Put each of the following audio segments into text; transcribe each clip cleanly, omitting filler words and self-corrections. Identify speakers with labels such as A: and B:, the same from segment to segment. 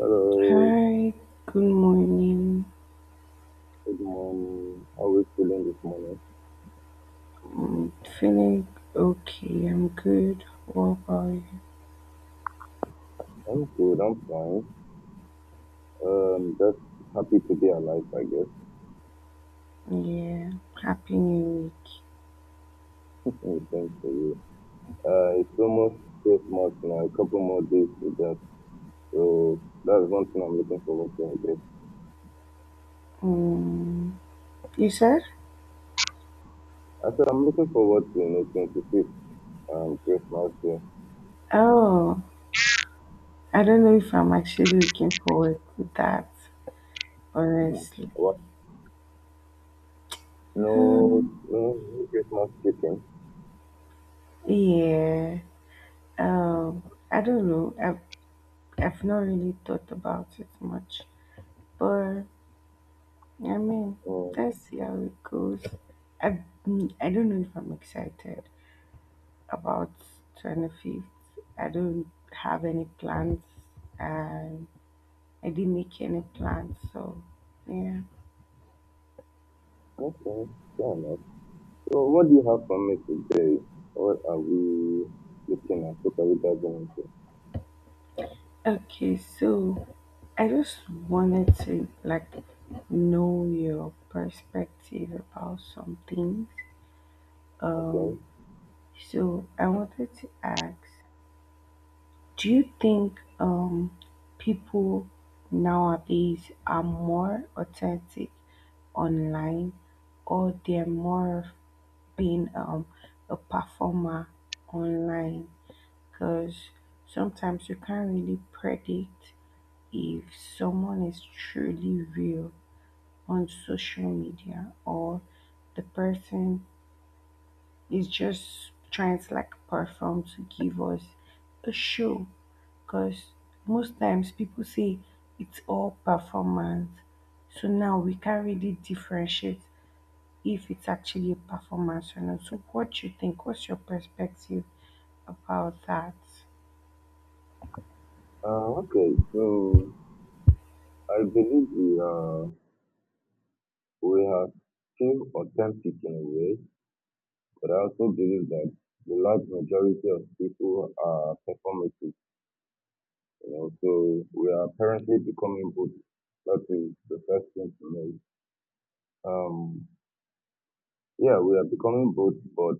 A: Hello,
B: Hi, good morning.
A: good morning. How are you feeling this morning?
B: I'm feeling okay. I'm good. What about you?
A: I'm good, I'm fine. Just happy to be alive, I guess.
B: Yeah, happy new week.
A: Mm, thanks to you. It's almost Christmas now, a couple more days to that. So that's one thing I'm looking forward to, I guess.
B: Mm, you said?
A: I said I'm looking forward to, 25th, Christmas Day.
B: Oh, I don't know if I'm actually looking forward to that,
A: Hmm.
B: honestly.
A: What? No,
B: Um,
A: no, no Christmas chicken.
B: yeah. I don't know. I've not really thought about it much, but I mean,
A: Mm,
B: let's see how it goes. I I don't know if I'm excited about 25th. I don't have any plans and I didn't make any plans. So, yeah.
A: okay, fair enough. So what do you have for me today? What are we looking at? What are we diving into?
B: Okay, so I just wanted to know your perspective about some things.
A: Okay.
B: Um, so I wanted to ask, do you think people nowadays are more authentic online, or they're more being a performer online, because sometimes you can't really predict if someone is truly real on social media, or the person is just trying to perform to give us a show, because most times people say it's all performance, so now we can't really differentiate if it's actually a performance or not. So what you think? What's your perspective about that?
A: Okay. So I believe we have still authentic in a way, but I also believe that the large majority of people are performative. You know, so we are apparently becoming both. That is the first thing to note. Um, yeah, we are becoming both, but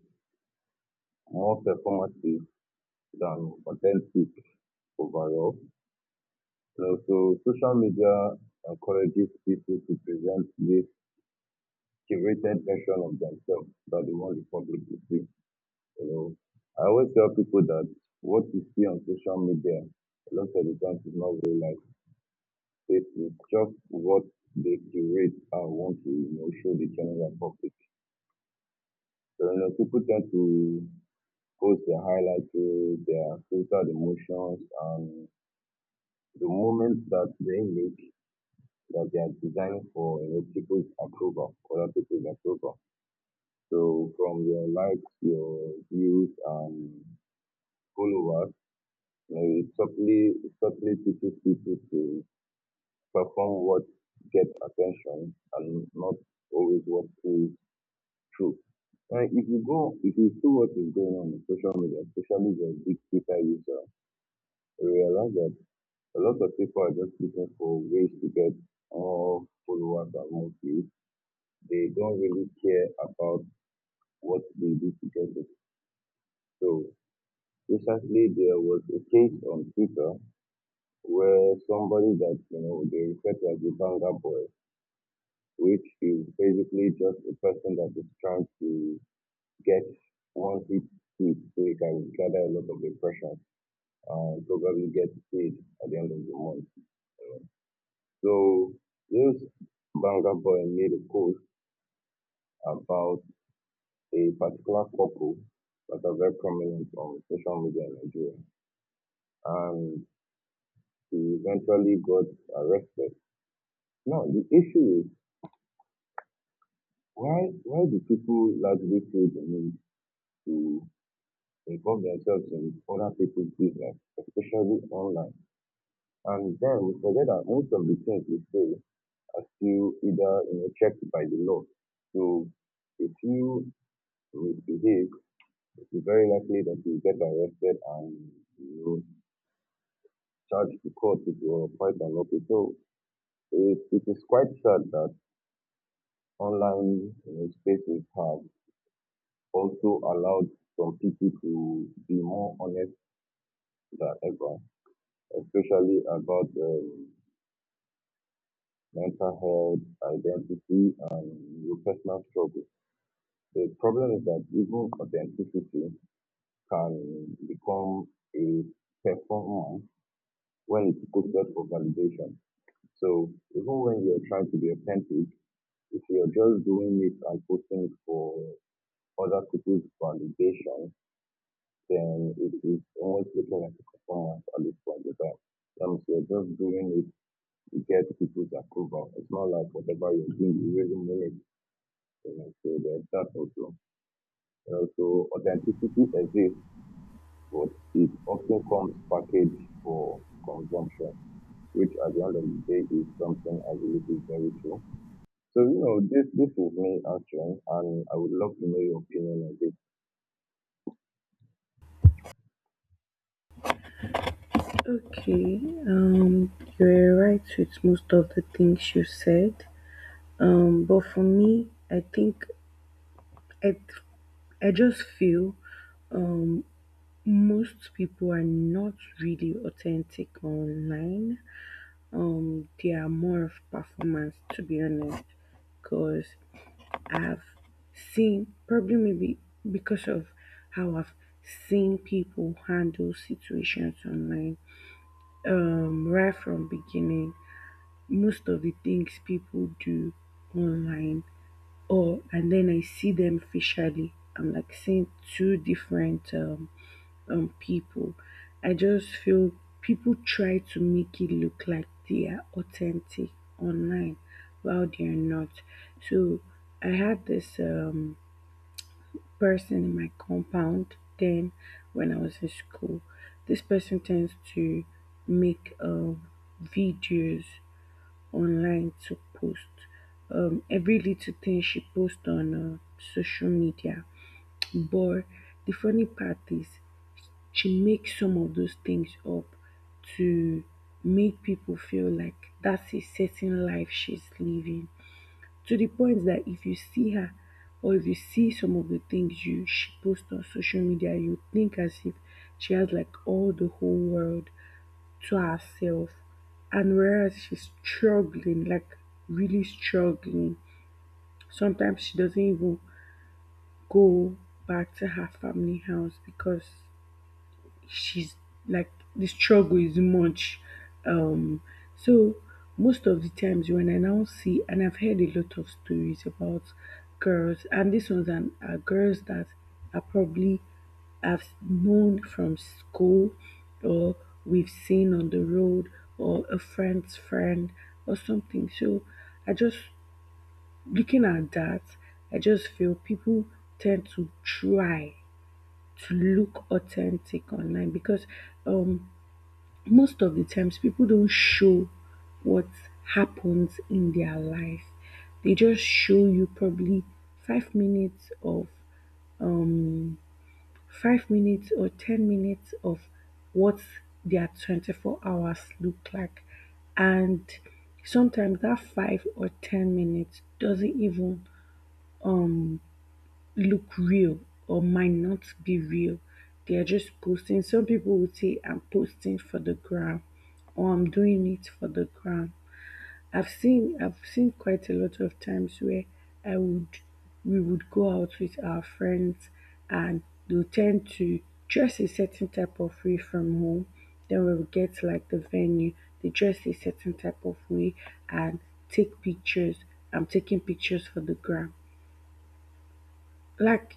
A: more performative than authentic overall. So social media encourages people to present this curated version of themselves that they want the public to see. You know, I always tell people that what you see on social media, a lot of the times is not real life. It is just what they curate and want to, you know, show the general public. So, you know, people tend to post their highlights, their filtered emotions, and the moments that they make that they are designed for, you know, people's approval, other people's approval. So from your likes, your views, and followers, you know, it subtly teaches people to perform what gets attention and not always what is true. If you see what is going on in social media, especially the big Twitter user, you realize that a lot of people are just looking for ways to get more followers and more views. They don't really care about what they do together. So recently there was a case on Twitter where somebody that, you know, they refer to as the banger boy, which is basically just a person that is trying to get one hit tweet so he can gather a lot of impressions and probably get paid at the end of the month. So this banger boy made a post about a particular couple that are very prominent on social media in Nigeria, and he eventually got arrested. Now, the issue is why do people largely feel the need to involve themselves in other people's business, especially online? And then we forget that most of the things we say are still either, you know, checked by the law. So if you misbehave, it's very likely that you get arrested and, you know, charge to court with your quite a lot. So it is quite sad that online, you know, spaces have also allowed some people to be more honest than ever, especially about mental health, identity, and your personal struggle. The problem is that even authenticity can become a performance when it's posted for validation. So even when you're trying to be authentic, if you're just doing it and posting for other people's validation, then it is almost looking like a performance at least for the time. So you're just doing it to get people's approval. It's not like whatever you're doing, you really mean it. You know, so there's that also. You know, so authenticity exists, but it often comes packaged for consumption, which at the end of the day is something I believe is very true. So, you know, this is me answering, and I would love to know your opinion on this.
B: Okay, um, you're right with most of the things you said. But for me, I think I, I just feel um, most people are not really authentic online. They are more of performance, to be honest, because I've seen, probably maybe because of how I've seen people handle situations online, right from beginning, most of the things people do online, or and then I see them facially. I'm like seeing two different people. I just feel people try to make it look like they are authentic online while they are not. So I had this person in my compound then when I was in school. This person tends to make videos online to post. Every little thing she posts on social media. But the funny part is, she makes some of those things up to make people feel like that's a certain life she's living, to the point that if you see her, or if you see some of the things you she posts on social media, you think as if she has like all the whole world to herself. And whereas she's struggling, like really struggling, sometimes she doesn't even go back to her family house because she's like the struggle is much. Um, so most of the times when I now see, and I've heard a lot of stories about girls, and these ones are girls that are probably have known from school, or we've seen on the road, or a friend's friend, or something. So I just looking at that, I just feel people tend to try to look authentic online because um most of the times people don't show what happens in their life. They just show you probably 5 minutes of um five minutes or 10 minutes of what their 24 hours look like, and sometimes that 5 or 10 minutes doesn't even look real or might not be real. They are just posting. Some people would say I'm posting for the gram, or I'm doing it for the gram. I've seen quite a lot of times where I would we would go out with our friends, and they'll tend to dress a certain type of way from home. Then when we get to like the venue, they dress a certain type of way and take pictures. I'm taking pictures for the gram. Like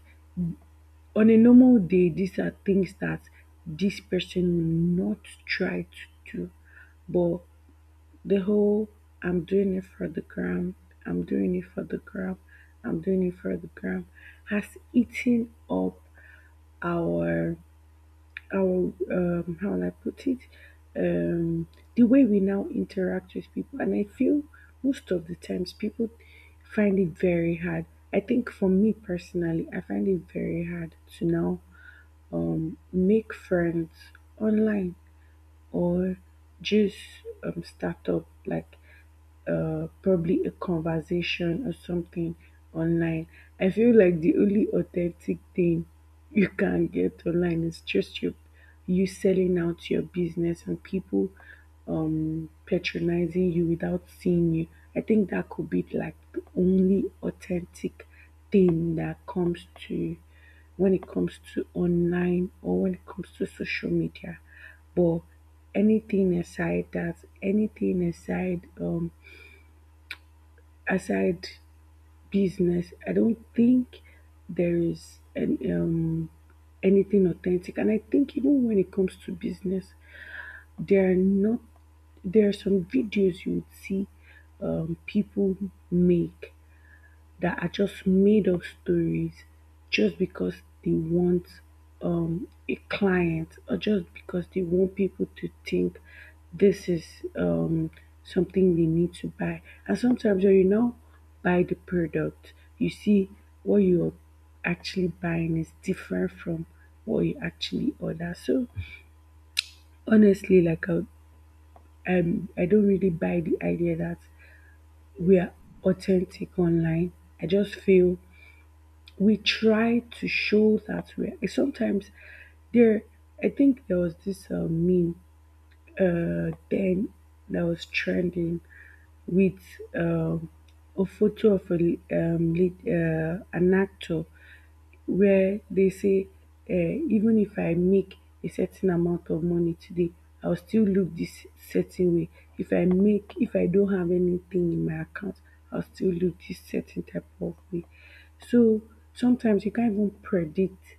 B: on a normal day, these are things that this person will not try to do. But the whole I'm doing it for the gram, I'm doing it for the gram, I'm doing it for the gram has eaten up our our how will I put it? Um the way we now interact with people, and I feel most of the times people find it very hard. I think for me personally, I find it very hard to now make friends online, or just start up like probably a conversation or something online. I feel like the only authentic thing you can get online is just you selling out your business and people patronizing you without seeing you. I think that could be like the only authentic thing that comes to when it comes to online or when it comes to social media. But anything aside that, anything aside aside business, I don't think there is anything authentic. And I think even when it comes to business, there are not there are some videos you would see people make that are just made up stories just because they want a client, or just because they want people to think this is um, something they need to buy. And sometimes when you now buy the product, you see what you're actually buying is different from what you actually order. So honestly, I don't really buy the idea that we are authentic online. I just feel we try to show that we are sometimes there. I think there was this meme then that was trending with um a photo of a lead, an actor, where they say eh, even if I make a certain amount of money today, I'll still look this certain way. If I don't have anything in my account, I'll still look this certain type of way. So sometimes you can't even predict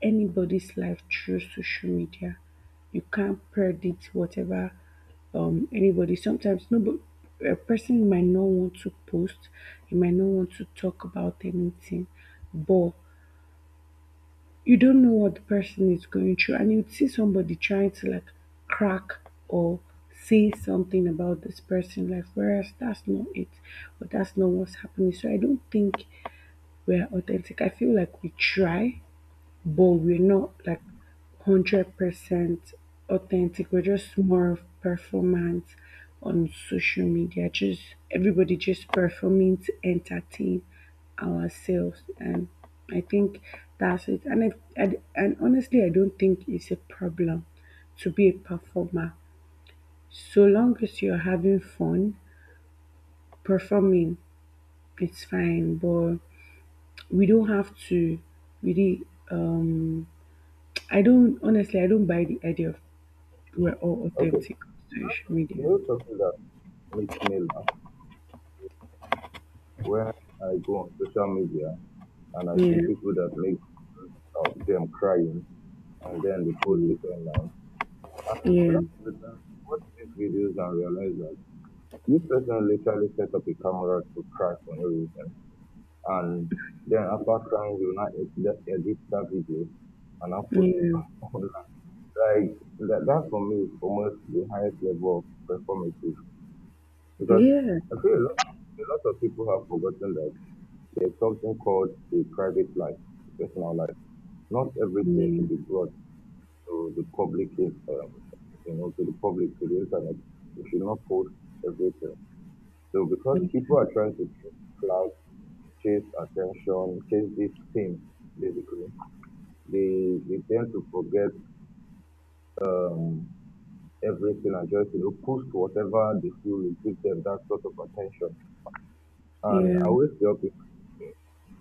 B: anybody's life through social media. You can't predict whatever anybody. Sometimes nobody, a person might not want to post, you might not want to talk about anything, but you don't know what the person is going through, and you'd see somebody trying to like crack or say something about this person, like whereas that's not it or that's not what's happening. So I don't think we're authentic. I feel like we try, but we're not like 100% authentic. We're just more of performance on social media. Just everybody just performing to entertain ourselves, and I think that's it. And honestly, I don't think it's a problem to be a performer so long as you're having fun performing. It's fine, but we don't have to really. Um, I don't honestly. I don't buy the idea of we're all
A: Okay,
B: authentic on social
A: you
B: media.
A: know something that makes me laugh when I go on social media and I see
B: Yeah,
A: people that make them crying and then they post
B: mm,
A: it online. And a
B: yeah,
A: lot of the time, watch these videos and realize that this person literally set up a camera to cry for no reason, and then after crying, you now edit that video and now post it
B: yeah,
A: online. Like that for me is almost the highest level of performative because
B: yeah, yeah,
A: I feel a lot of people have forgotten that there's something called a private life, a personal life. Not everything
B: yeah,
A: should be brought to the public, you know, to the public, to the internet. You should not post everything. So
B: yeah,
A: because
B: yeah,
A: people are trying to chase clout, chase attention, chase these things, basically, they tend to forget everything and just, you know, post whatever they feel will give them that sort of attention. And I always tell people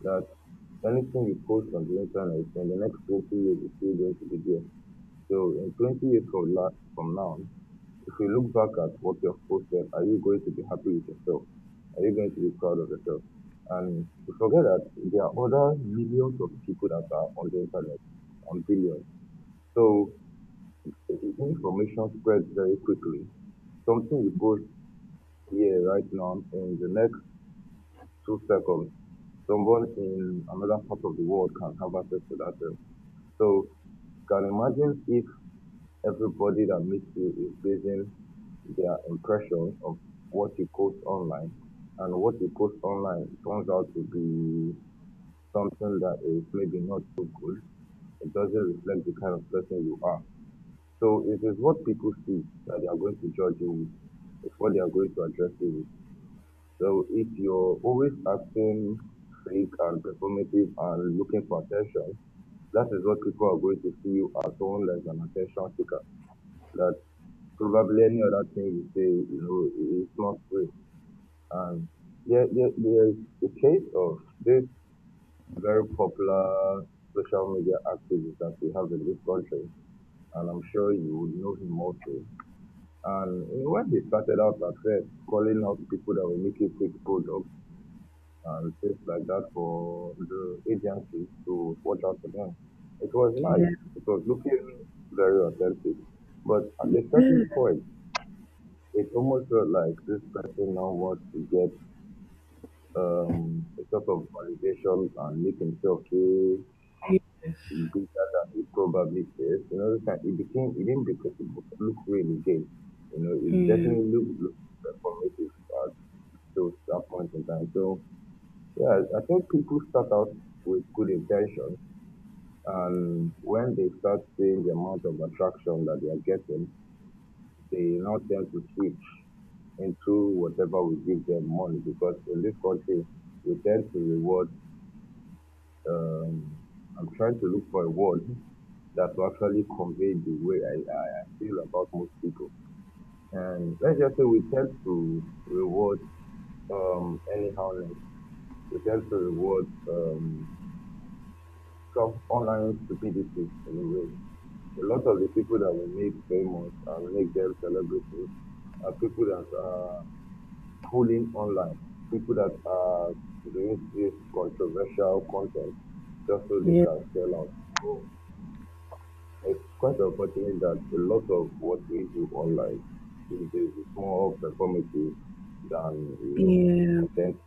A: that anything you post on the internet, in the next 20 years, it's still going to be there. So in 20 years from now, if you look back at what you have posted, are you going to be happy with yourself? Are you going to be proud of yourself? And you forget that there are other millions of people that are on the internet, on billions. So information spreads very quickly. Something you post here right now, in the next 2 seconds, someone in another part of the world can have access to that thing. So you can imagine if everybody that meets you is basing their impression of what you post online, and what you post online turns out to be something that is maybe not so good. It doesn't reflect the kind of person you are. So it is what people see that they are going to judge you with. It's what they are going to address you with. So if you're always acting fake and performative and looking for attention, that is what people are going to see you as, someone like an attention seeker. That probably any other thing you say, you know, it's not free. And there is a case of this very popular social media activist that we have in this country, and I'm sure you would know him also. And you know, when he started out at first, calling out people that were making fake products and things like that for the agencies to watch out for them, it was nice. It was looking very authentic. But at a certain point, it almost felt like this person now wants to get a sort of validation and make himself feel
B: yes,
A: bigger than he probably is. You know, it's like it became, it didn't, because it look real again. You know, it
B: yeah,
A: definitely looked look performative at those that point in time. So yeah, I think people start out with good intentions, and when they start seeing the amount of attraction that they are getting, they now tend to switch into whatever we give them money because in this country we tend to reward. Um, I'm trying to look for a word that will actually convey the way I feel about most people. And let's just say we tend to reward anyhowness. We tend to reward some online stupidity in a way. A lot of the people that we make famous and make them celebrities are people that are pulling online. People that are doing this controversial content just so they
B: yeah,
A: can sell out. So it's quite unfortunate that a lot of what we do online these days is more performative than, you know,
B: yeah,
A: content.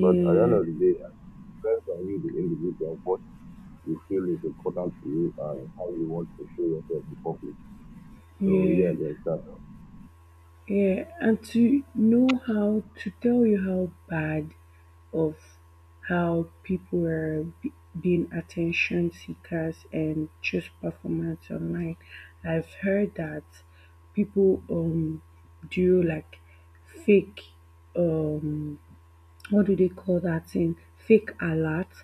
A: But at the end of the day, it depends on you, the individual, what you feel is important to you and how you want to show yourself in public. So
B: yeah,
A: yeah, there's that.
B: yeah, and to know how to tell you how bad of how people are being attention seekers and just performance online. I've heard that people do like fake um what do they call that thing? Fake alert,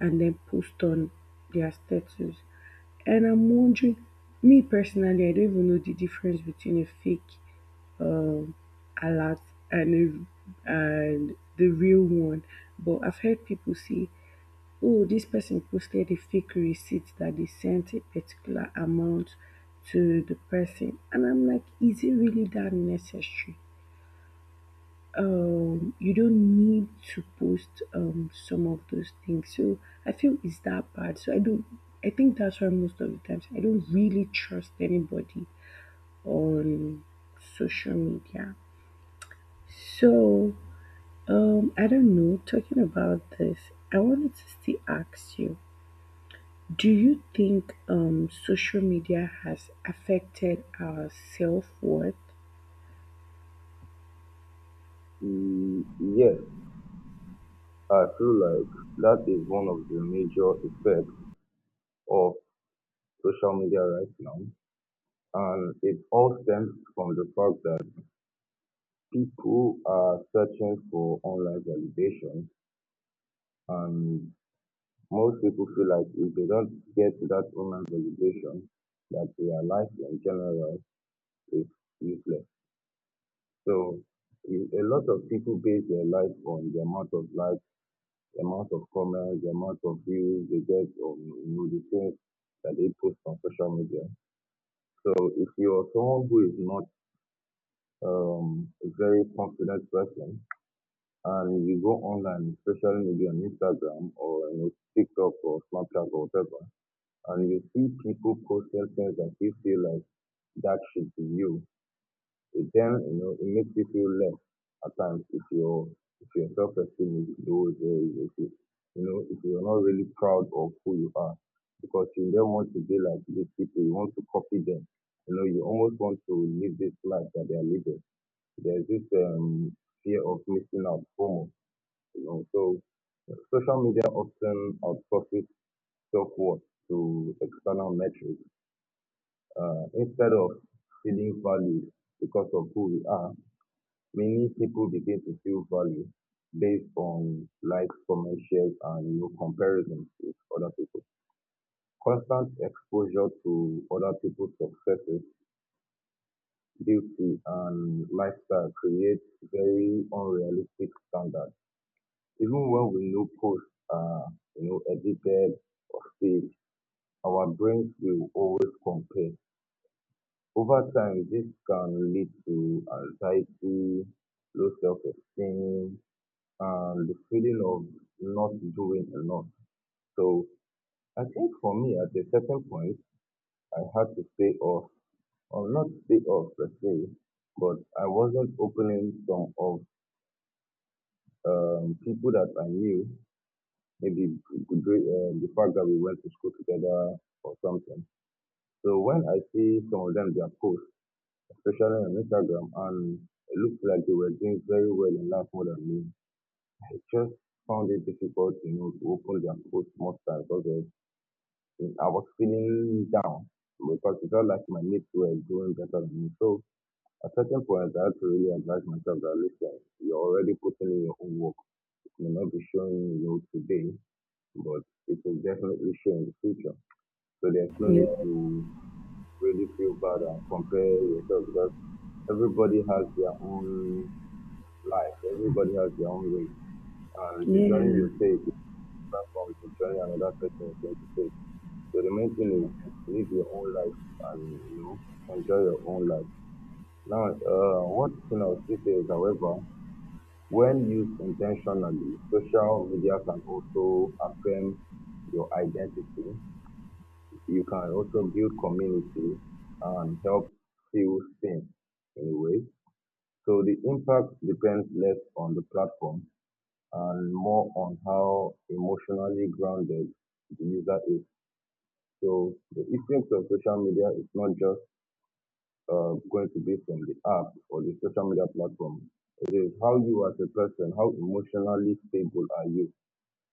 B: and then post on their status. And I'm wondering, me personally, I don't even know the difference between a fake um a lot and a, and the real one. But I've heard people say, "Oh, this person posted a fake receipt that they sent a particular amount to the person," and I'm like, "Is it really that necessary?" You don't need to post some of those things. So I feel it's that bad. So I don't. I think that's why most of the times I don't really trust anybody on social media. So I don't know. Talking about this, I wanted to still ask you, do you think social media has affected our self-worth?
A: Mm, yes, I feel like that is one of the major effects of social media right now, and it all stems from the fact that people are searching for online validation, and most people feel like if they don't get that online validation, that their life in general is useless. So you- a lot of people base their life on the amount of likes, the amount of comments, the amount of views they get on, you know, the things that they post on social media. So if you're someone who is not a very confident person, and you go online, especially maybe on Instagram or you know, TikTok or Snapchat or whatever, and you see people posting things that you feel like that should be you. It then, you know, it makes you feel less at times if your self-esteem is low, if you know, if you're not really proud of who you are, because you don't want to be like these people. You want to copy them. You know, you almost want to live this life that they are living. There's this fear of missing out, FOMO. You know, so social media often outsources self-worth to external metrics instead of feeling valued because of who we are. Many people begin to feel valued based on likes, comments, shares, and you know, comparisons with other people. Constant exposure to other people's successes, beauty, and lifestyle creates very unrealistic standards. Even when we know post are edited or staged, our brains will always compare. Over time, this can lead to anxiety, low self-esteem, and the feeling of not doing enough. So I think for me, at a certain point, I had to stay off, or not stay off per se, but I wasn't opening some of people that I knew maybe during the fact that we went to school together or something. So when I see some of them, their posts, especially on Instagram, and it looks like they were doing very well in life more than me, I just found it difficult, you know, to open their posts most times because of- I was feeling down because it felt like my mates were doing better than me. So at certain point, I had to really advise myself that listen, you're already putting in your own work. It may not be showing you today, but it will definitely show in the future. So there's no
B: Yeah,
A: need to really feel bad and compare yourself because everybody has their own life, everybody has their own way. And the journey
B: yeah,
A: you take is different from the journey another person is going to take. So the main thing is live your own life and, you know, enjoy your own life. Now, what you know, this is, however, when used intentionally, social media can also affirm your identity. You can also build community and help feel seen in a way. So the impact depends less on the platform and more on how emotionally grounded the user is. So the effect of social media is not just going to be from the app or the social media platform. It is how you as a person, how emotionally stable are you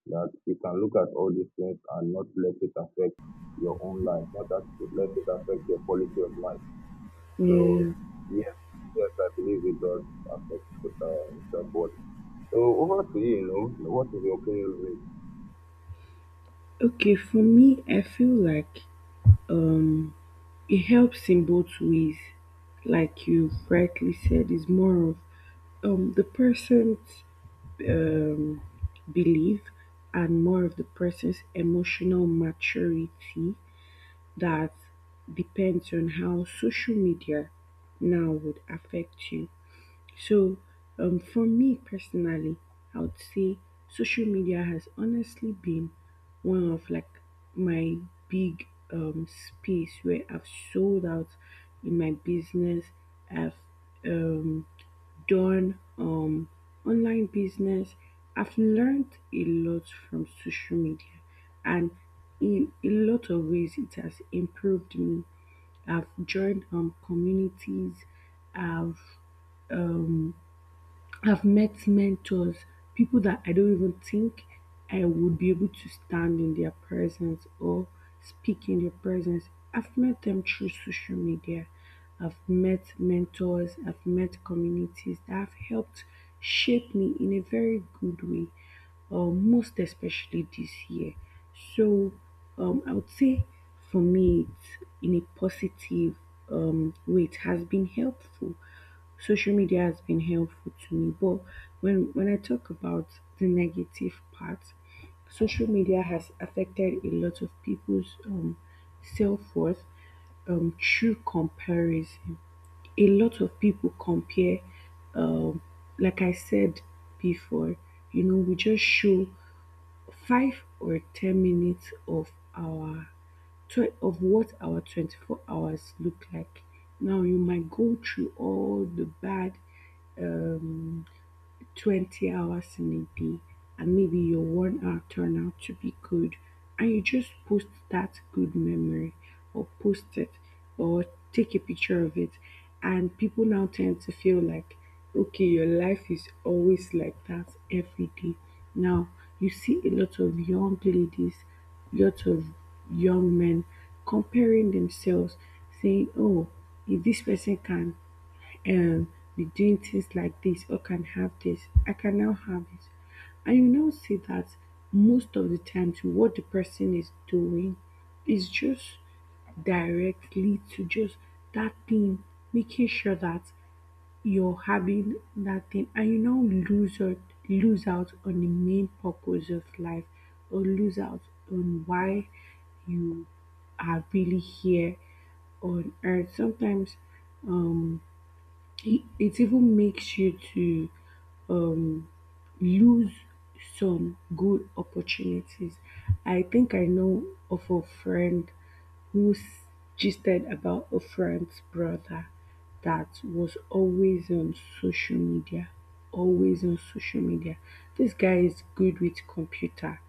A: that you can look at all these things and not let it affect your own life, not that let it affect your quality of life. So
B: yeah.
A: yes, yes, I believe it does affect the body. So over to you, you know, what is your opinion with
B: Okay, for me, I feel like um it helps in both ways. Like you rightly said, it's more of the person's um belief, and more of the person's emotional maturity, that depends on how social media now would affect you. So, for me personally, I would say social media has honestly been one of like my big space where I've sold out in my business. I've um done online business. I've learned a lot from social media, and in a lot of ways it has improved me. I've joined communities, I've um I've met mentors, people that I don't even think I would be able to stand in their presence or speak in their presence. I've met them through social media. I've met mentors, I've met communities that have helped shape me in a very good way, most especially this year. So I would say for me, it's in a positive way, it has been helpful. Social media has been helpful to me, but when I talk about the negative part, social media has affected a lot of people's self-worth through comparison. A lot of people compare. um, like I said before, we just show 5 or 10 minutes of our of what our 24 hours look like. Now you might go through all the bad um, 20 hours in a day, and maybe your 1 hour turn out to be good, and you just post that good memory, or post it, or take a picture of it. And people now tend to feel like, okay, your life is always like that every day. Now you see a lot of young ladies, lot of young men, comparing themselves, saying, oh, if this person can be doing things like this or can have this, I can now have it. And you now see that most of the times what the person is doing is just directly to just that thing, making sure that you're having that thing, and you now lose out, lose out on the main purpose of life, or lose out on why you are really here on earth sometimes. Um it it even makes you to um, lose some good opportunities. I think I know of a friend who gisted about a friend's brother that was always on social media, always on social media. This guy is good with computer.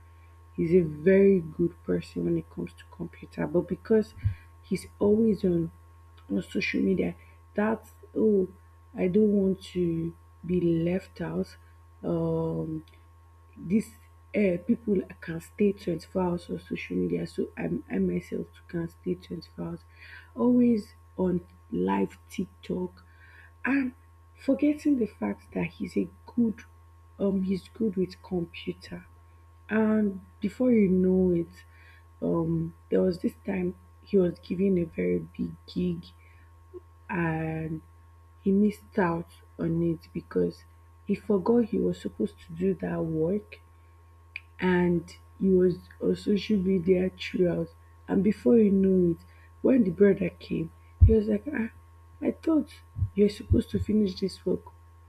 B: He's a very good person when it comes to computer, but because he's always on social media, that's, oh, I don't want to be left out. Um, this people can stay 24 hours on social media, so I myself too can stay 24 hours. Always on live TikTok, and forgetting the fact that good he's good with computer. And before you know it, there was this time he was given a very big gig, and he missed out on it because he forgot he was supposed to do that work, and he was on social media throughout. And before you know it, when the brother came, he was like, ah, I thought you're supposed to finish this work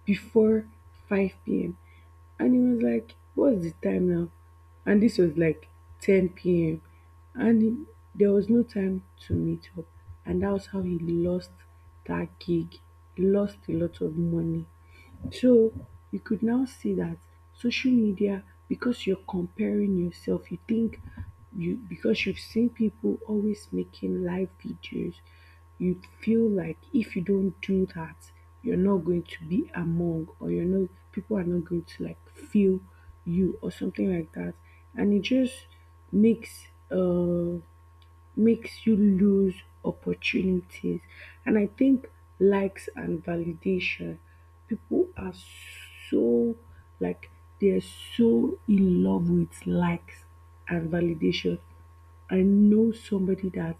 B: before 5 p.m. And he was like, what's the time now? And this was like 10 p.m. And he, there was no time to meet up. And that was how he lost that gig. He lost a lot of money. So you could now see that social media, because you're comparing yourself, you think you, because you've seen people always making live videos, you feel like if you don't do that, you're not going to be among, or you're not, people are not going to like feel you or something like that. And it just makes uh makes you lose opportunities. And I think likes and validation, people are so like they're so in love with likes and validation. I know somebody that,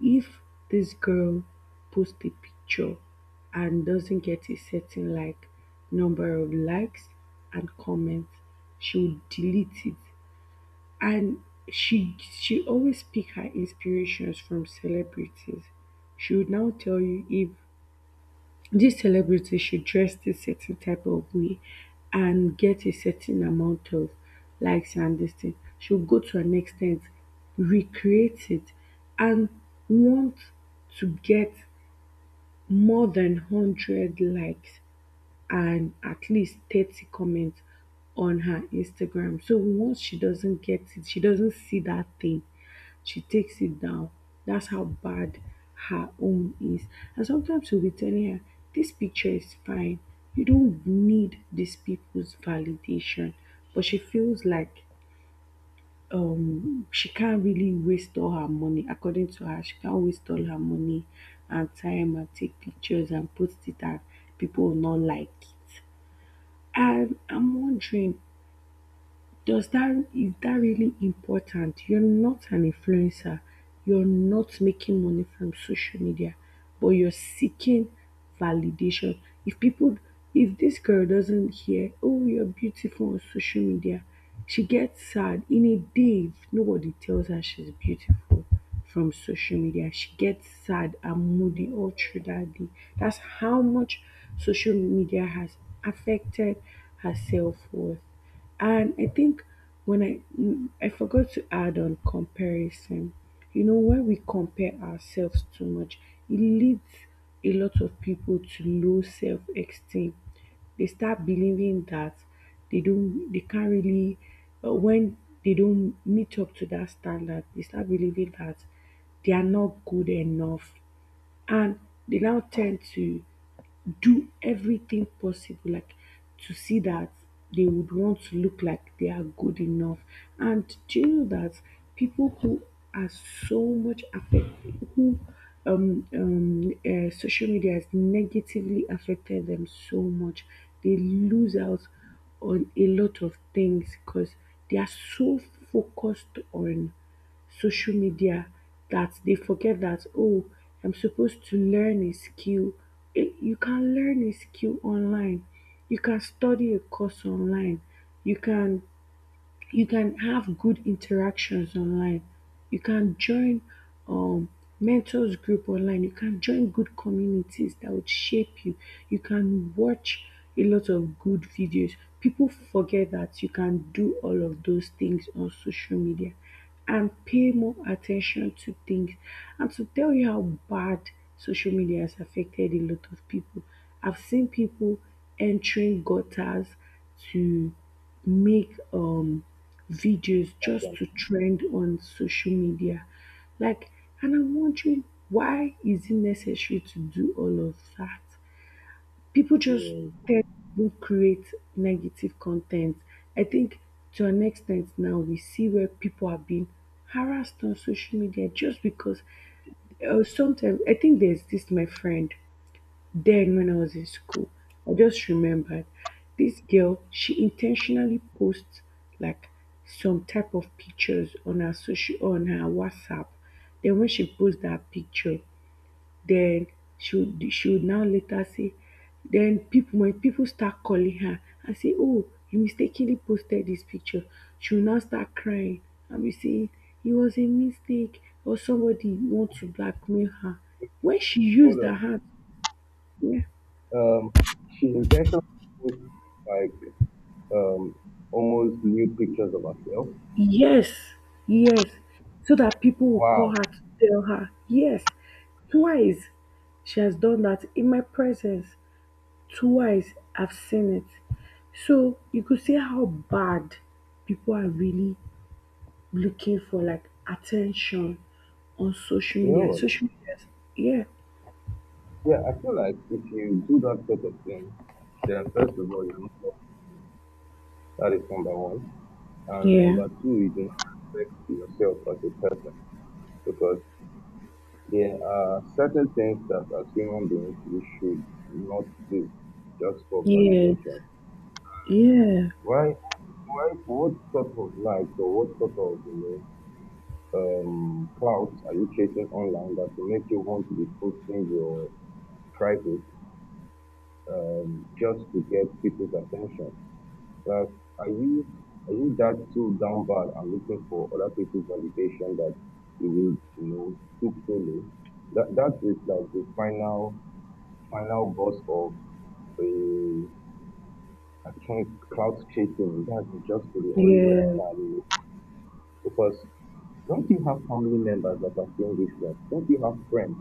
B: if this girl posts a picture and doesn't get a certain like number of likes and comments, she will delete it, and she always pick her inspirations from celebrities. She would now tell you if this celebrity should dress this certain type of way and get a certain amount of likes and this thing. She'll go to an extent, recreate it, and want to get more than 100 likes and at least 30 comments on her Instagram. So once she doesn't get it, she doesn't see that thing, she takes it down. That's how bad her own is. And sometimes we'll be telling her, this picture is fine, you don't need these people's validation. But she feels like she can't really waste all her money. According to her, she can't waste all her money and time and take pictures and post it, and people will not like it. And I'm wondering, does that is that really important? You're not an influencer. You're not making money from social media, but you're seeking validation. If people, if this girl doesn't hear, oh, you're beautiful on social media, she gets sad. In a day, if nobody tells her she's beautiful from social media, she gets sad and moody all through that day. That's how much social media has affected her self worth. And I think when I forgot to add on comparison. You know, when we compare ourselves too much, it leads a lot of people to low self-esteem. They start believing that they don't, they can't really, when they don't meet up to that standard, they start believing that they are not good enough, and they now tend to do everything possible, like to see that they would want to look like they are good enough. And do you know that people who are so much affected, who social media has negatively affected them so much, they lose out on a lot of things because they are so focused on social media that they forget that, oh, I'm supposed to learn a skill. Eh, you can learn a skill online, you can study a course online, you can you can have good interactions online, you can join um mentors group online, you can join good communities that would shape you, you can watch a lot of good videos. People forget that you can do all of those things on social media and pay more attention to things. And to tell you how bad social media has affected a lot of people, I've seen people entering gutters to make videos just
A: content?
B: to trend on social media. Like, and I'm wondering, why is it necessary to do all of that? People just
A: Yeah.
B: tend to create negative content. I think to an extent, now we see where people are being harassed on social media just because sometimes, I think there's this my friend then when I was in school. I just remembered this girl, she intentionally posts like some type of pictures on her social on her WhatsApp. Then when she posts that picture, then she would now later say, when people start calling her and say, oh, you mistakenly posted this picture, she will now start crying and be saying, it was a mistake, or somebody wants to blackmail her. When she
A: Hold
B: used her
A: on.
B: hand, yeah,
A: Um, she intentionally put like um almost nude pictures of herself.
B: yes, yes, so that people will call
A: Wow.
B: her to tell her, yes, twice she has done that in my presence, twice I've seen it. So you could see how bad people are really looking for like attention on social
A: You know
B: media.
A: what?
B: Social Yeah.
A: Yeah, I feel like if you do that sort of thing, then first of all, you're not loved. That is number one. And
B: Yeah.
A: number two, you do not respect yourself as a person because there are certain things that as human beings we should not do just for
B: Yeah.
A: validation.
B: Yeah.
A: Why, what sort of likes or what sort of, you know, clouds are you chasing online that will make you want to be posting your private, just to get people's attention? Like, are you, are you that too down bad and looking for other people's validation that you will, you know, took so. That, that is like the final, final boss of. Uh, I think cloud chasing, that's just the only way
B: Yeah.
A: I can. Because don't you have family members that are saying this stuff? Don't you have friends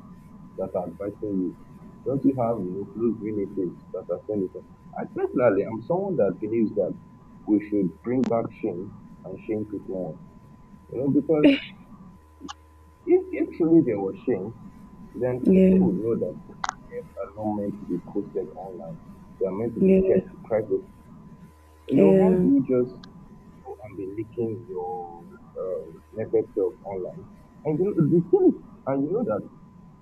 A: that are advising you? Don't you have, you know, close relatives that are saying this? I personally, I'm someone that believes that we should bring back shame and shame people on. You know, because if truly there was shame, then people
B: Yeah.
A: would know that things are not meant to be posted online. They are meant to be
B: Yeah.
A: kept private. You know, how do
B: Yeah.
A: you just and be leaking your naked self online. And you know, the thing is, and you know that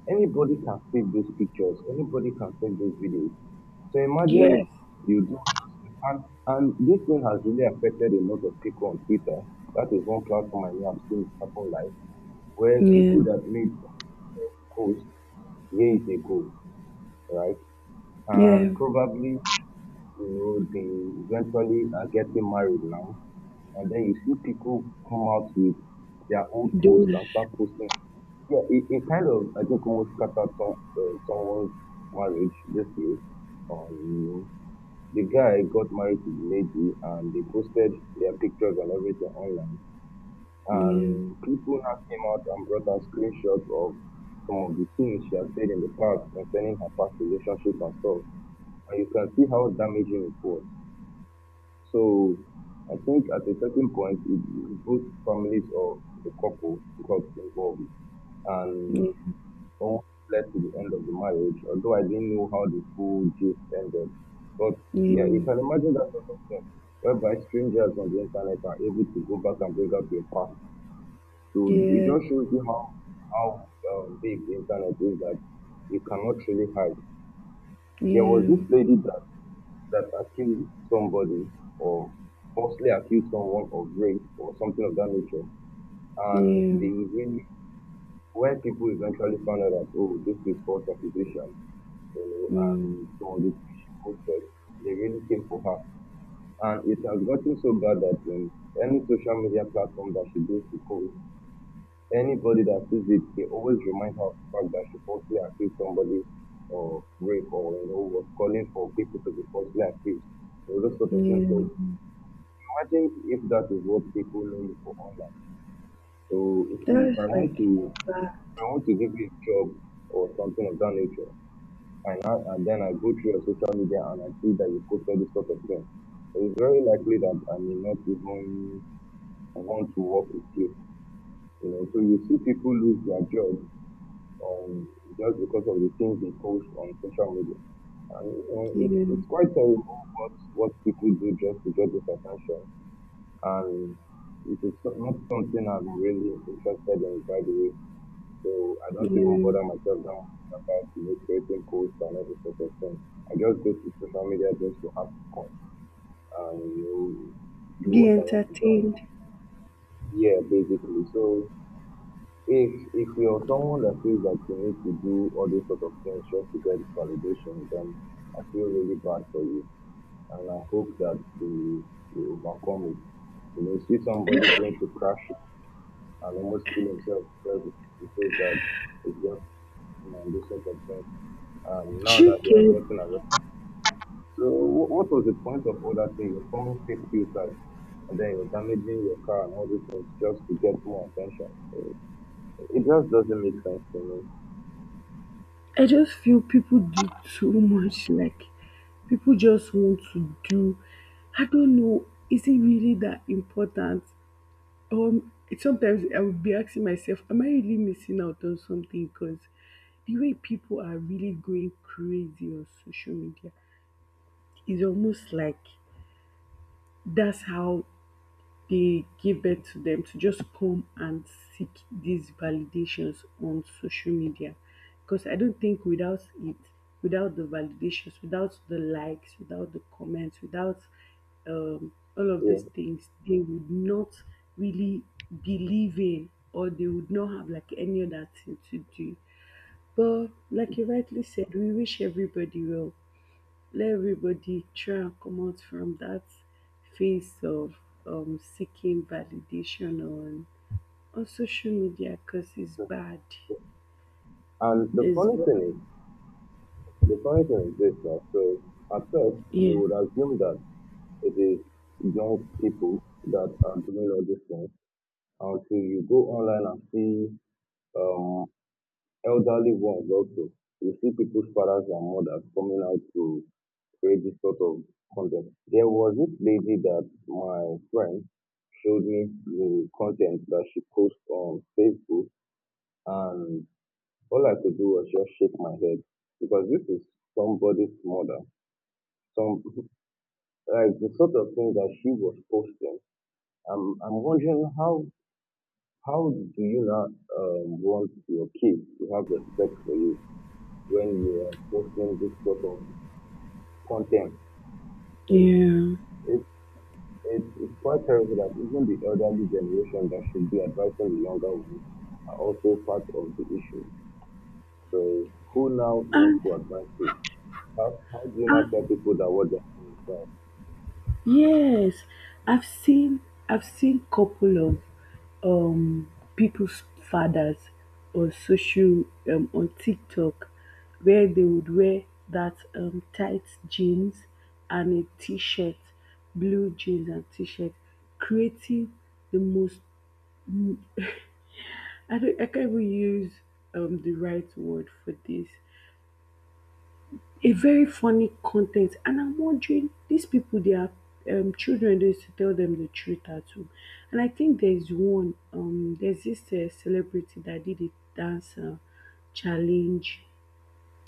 A: anybody can save those pictures, anybody can save those videos. So imagine
B: Yeah.
A: you do, and this thing has really affected a lot of people on Twitter. That is one platform I know I've seen happen live, where
B: Yeah.
A: people that made posts years ago, right?
B: Yeah.
A: And probably, you know, they eventually are getting married now and then you see people come out with their own posts
B: Those.
A: and start posting. Yeah, it kind of I think almost scattered some someone's marriage this year. Um, the guy got married to the lady, and they posted their pictures and everything online.
B: Yeah.
A: And people now came out and brought out screenshots of some of the things she had said in the past concerning her past relationship and stuff. And you can see how damaging it was. So I think at a certain point, it- both families of the couple got involved and
B: Yeah.
A: almost led to the end of the marriage, although I didn't know how the full gist ended. But yeah, you
B: Yeah.
A: can imagine that sort of thing, whereby strangers on the internet are able to go back and bring up your past. So it
B: Yeah.
A: just shows you how big the internet is that you cannot really hide. There was this
B: Yeah.
A: lady that that accuse somebody or falsely accuse someone of rape or something of that nature. And
B: Yeah.
A: they really, when people eventually found out that, oh, this is false accusation, you know,
B: Mm.
A: and some of the things she posted, they really came for her. And it has gotten so bad that any social media platform that she goes to post, anybody that sees it, they always remind her of the fact that she falsely accused somebody of rape or, you know, was calling for people to be falsely accused. You know, those sort of things.
B: Yeah.
A: So imagine if that is what people know you for online. So
B: That
A: if
B: is
A: I want
B: like
A: to,
B: bad.
A: if I want to give you a job or something of that nature, and I, and then I go through your social media and I see that you posted this sort of thing, it's very likely that I may not even want to work with you. You know, so you see people lose their jobs on just because of the things they post on social media, and you know, it,
B: Yeah.
A: it's quite terrible what people do just to get this attention and it is so- not something I'm really interested in by the way. So I don't even
B: Yeah.
A: bother myself now about, you know, creating posts and all this sort of thing. I just go to social media just to have fun and, you know, do
B: Be
A: what I want to do. And-
B: entertained.
A: Yeah, basically. So if you're someone that feels that you need to do all these sort of things just to get validation, then I feel really bad for you, and I hope that you overcome it. You know, see somebody going to crash and almost kill himself because he says that it's just him and this sort of thing. And now that he has
B: Chicken.
A: gotten arrested, so wh- what was the point of all that thing? You're coming fake suicide and then you're damaging your car and all these things just to get more attention. It just doesn't make sense to me.
B: I just feel people do too much. Like, people just want to do. I don't know. Is it really that important? Um, Sometimes I would be asking myself, am I really missing out on something? Because the way people are really going crazy on social media is almost like that's how they give birth to them, to just come and seek these validations on social media, because I don't think without it, without the validations, without the likes, without the comments, without all of
A: Yeah.
B: these things, they would not really believe in, or they would not have like any other thing to do. But like you rightly said, we wish everybody well. Let everybody try and come out from that phase of seeking validation on social media because it's bad.
A: And the
B: It's
A: funny
B: bad.
A: thing is, the funny thing is this, that so at first you
B: Yeah.
A: would assume that it is young people that are doing all these things until you go online and see um, elderly ones also. You see people's fathers and mothers coming out to create this sort of content. There was this lady that my friend showed me the content that she posts on Facebook, and all I could do was just shake my head because this is somebody's mother. Some like the sort of thing that she was posting. I'm wondering how do you not want your kids to have respect for you when you are posting this sort of content. So
B: Yeah.
A: it, it's quite terrible that even the elderly generation that should be advising the younger ones are also part of the issue. So who now
B: And.
A: wants to advise who? How do you not tell people that what they're saying is right?
B: Yes, I've seen I've seen couple of people's fathers on social on TikTok, where they would wear that tight jeans and a t-shirt, blue jeans and t-shirt, creating the most, I can't even use the right word for this. A very funny content. And I'm wondering, these people, they are children, they used to tell them the truth at home. And I think there's one there's this celebrity that did a dance challenge,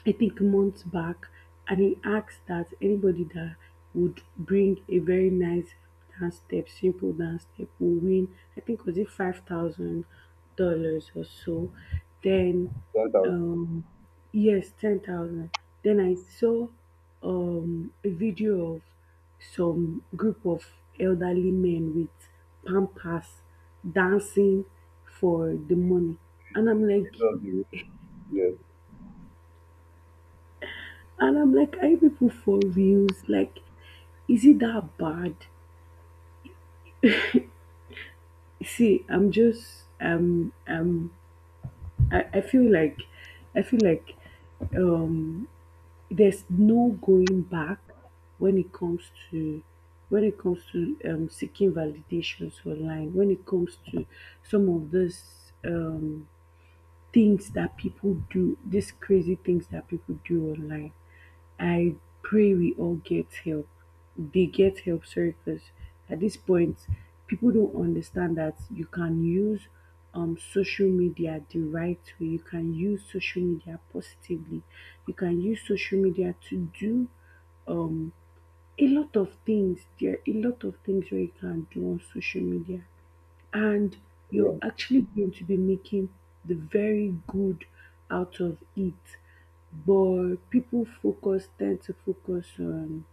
B: I think months back, and he asked that anybody that would bring a very nice dance step, simple dance step, will win. I think was it $5,000 or so. Then,
A: Then that was
B: um, yes, 10,000. Then I saw a video of some group of elderly men with pampas dancing for the money, and I'm like.
A: middle of the road. Yes,
B: And I'm like, are you people for reals? Like, is it that bad? See, I feel like I feel like um there's no going back when it comes to seeking validations online, when it comes to some of these things that people do, these crazy things that people do online. I pray we all get help. They get help, sorry, because at this point, people don't understand that you can use social media the right way. You can use social media positively. You can use social media to do a lot of things. There are a lot of things where you can do on social media, and you're
A: yeah.
B: actually going to be making the very good out of it. But people focus tend to focus on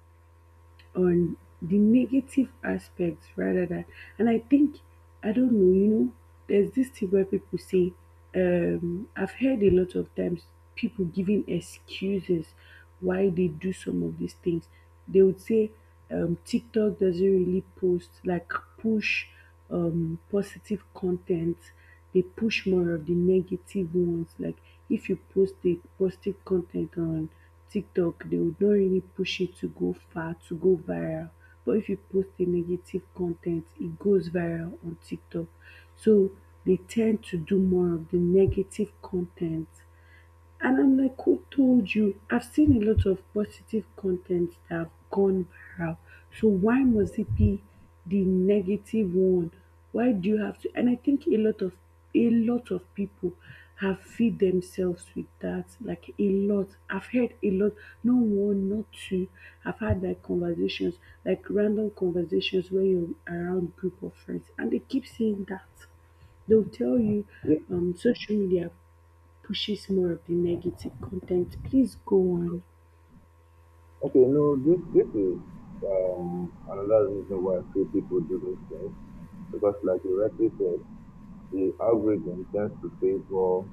B: on the negative aspects rather than, and I think, I don't know, there's this thing where people say, I've heard a lot of times people giving excuses why they do some of these things. They would say, TikTok doesn't really post like push positive content, they push more of the negative ones. Like, if you post the positive content on TikTok, they would not really push it to go far, to go viral. But if you post a negative content, it goes viral on TikTok. So they tend to do more of the negative content, and I'm like, who told you? I've seen a lot of positive content that have gone viral. So why must it be the negative one? Why do you have to? And I think a lot of people have feed themselves with that. Like a lot. I've heard a lot. No one, not two. I've had like conversations, like random conversations where you're around group of friends, and they keep saying that they'll tell you,
A: Yeah.
B: social media pushes more of the negative content. Please go on.
A: Okay, no, this is another reason why few people do these things. Because like you rightly said, the algorithm tends to favor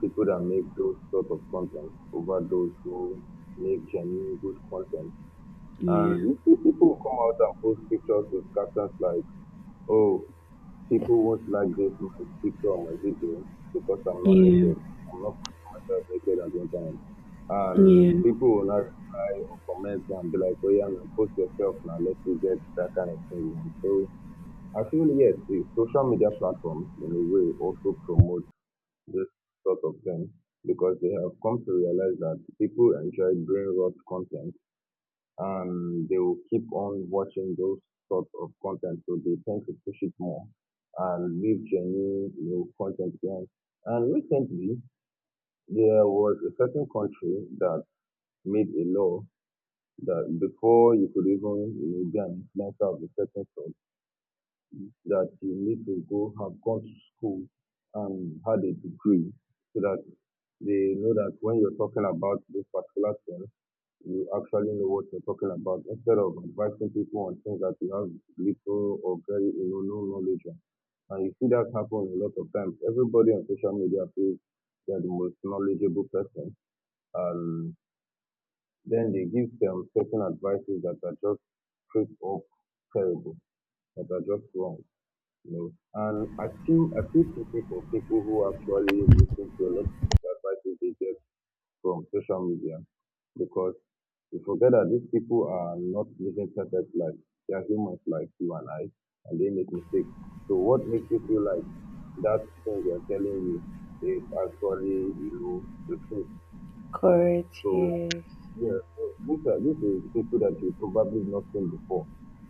A: people that make those sort of content over those who make genuine good content. And
B: Yeah,
A: you see people who come out and post pictures with captions like, oh, people won't like this my picture or my video because I'm not
B: yeah,
A: naked. I'm not putting myself naked at the internet.
B: yeah.
A: And people will not reply or comment and be like, oh yeah, now post yourself now, let's get that kind of thing. You want." So I feel yes, the social media platforms in a way also promote this sort of thing because they have come to realize that people enjoy brain rot content and they will keep on watching those sort of content so they tend to push it more and leave genuine new content behind. And recently there was a certain country that made a law that before you could even, you know, be an influencer of a certain sort that you need to go have gone to school and had a degree so that they know that when you're talking about this particular thing, you actually know what you're talking about instead of advising people on things that you have little or very, you know, no knowledge on. And you see that happen a lot of times. Everybody on social media feels they're the most knowledgeable person. And then they give them certain advices that are just straight up terrible, that are just wrong you know. And I feel pity for people who actually listen to a lot of advices they get from social media because we forget that these people are not living perfect lives. They are humans like you and I, and they make mistakes. So what makes you feel like that thing they are telling you is actually, you know, the truth?
B: Correct.
A: So
B: Yes.
A: yeah, so these are this is people that you probably not seen before.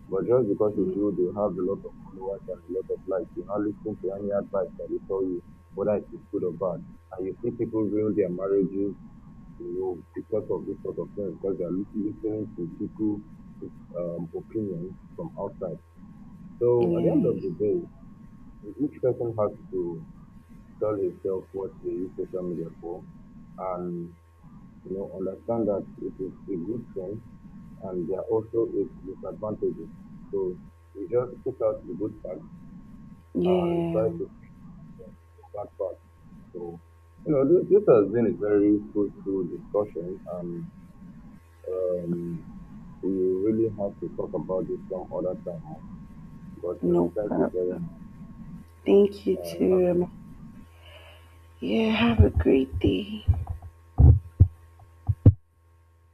A: But just because you
B: Yeah.
A: feel they have a lot of followers and a lot of likes, you now listen to any advice that they tell you, whether it is good or bad. And you see people ruin their marriages, you know, because of this sort of thing, because they are lis- listening to people with opinions from outside. So at the end of
B: Yes.
A: the day, each person has to tell himself what they use social media for and you know understand that it is a good thing and there are also its disadvantages. So we just pick out the good part and try
B: Yeah.
A: to fix that part. So you know, this has been a very fruitful discussion, and um, we really have to talk about this some other time. But
B: No
A: thank you very much.
B: problem. Thank you
A: Have
B: too. Yeah. Have a great day.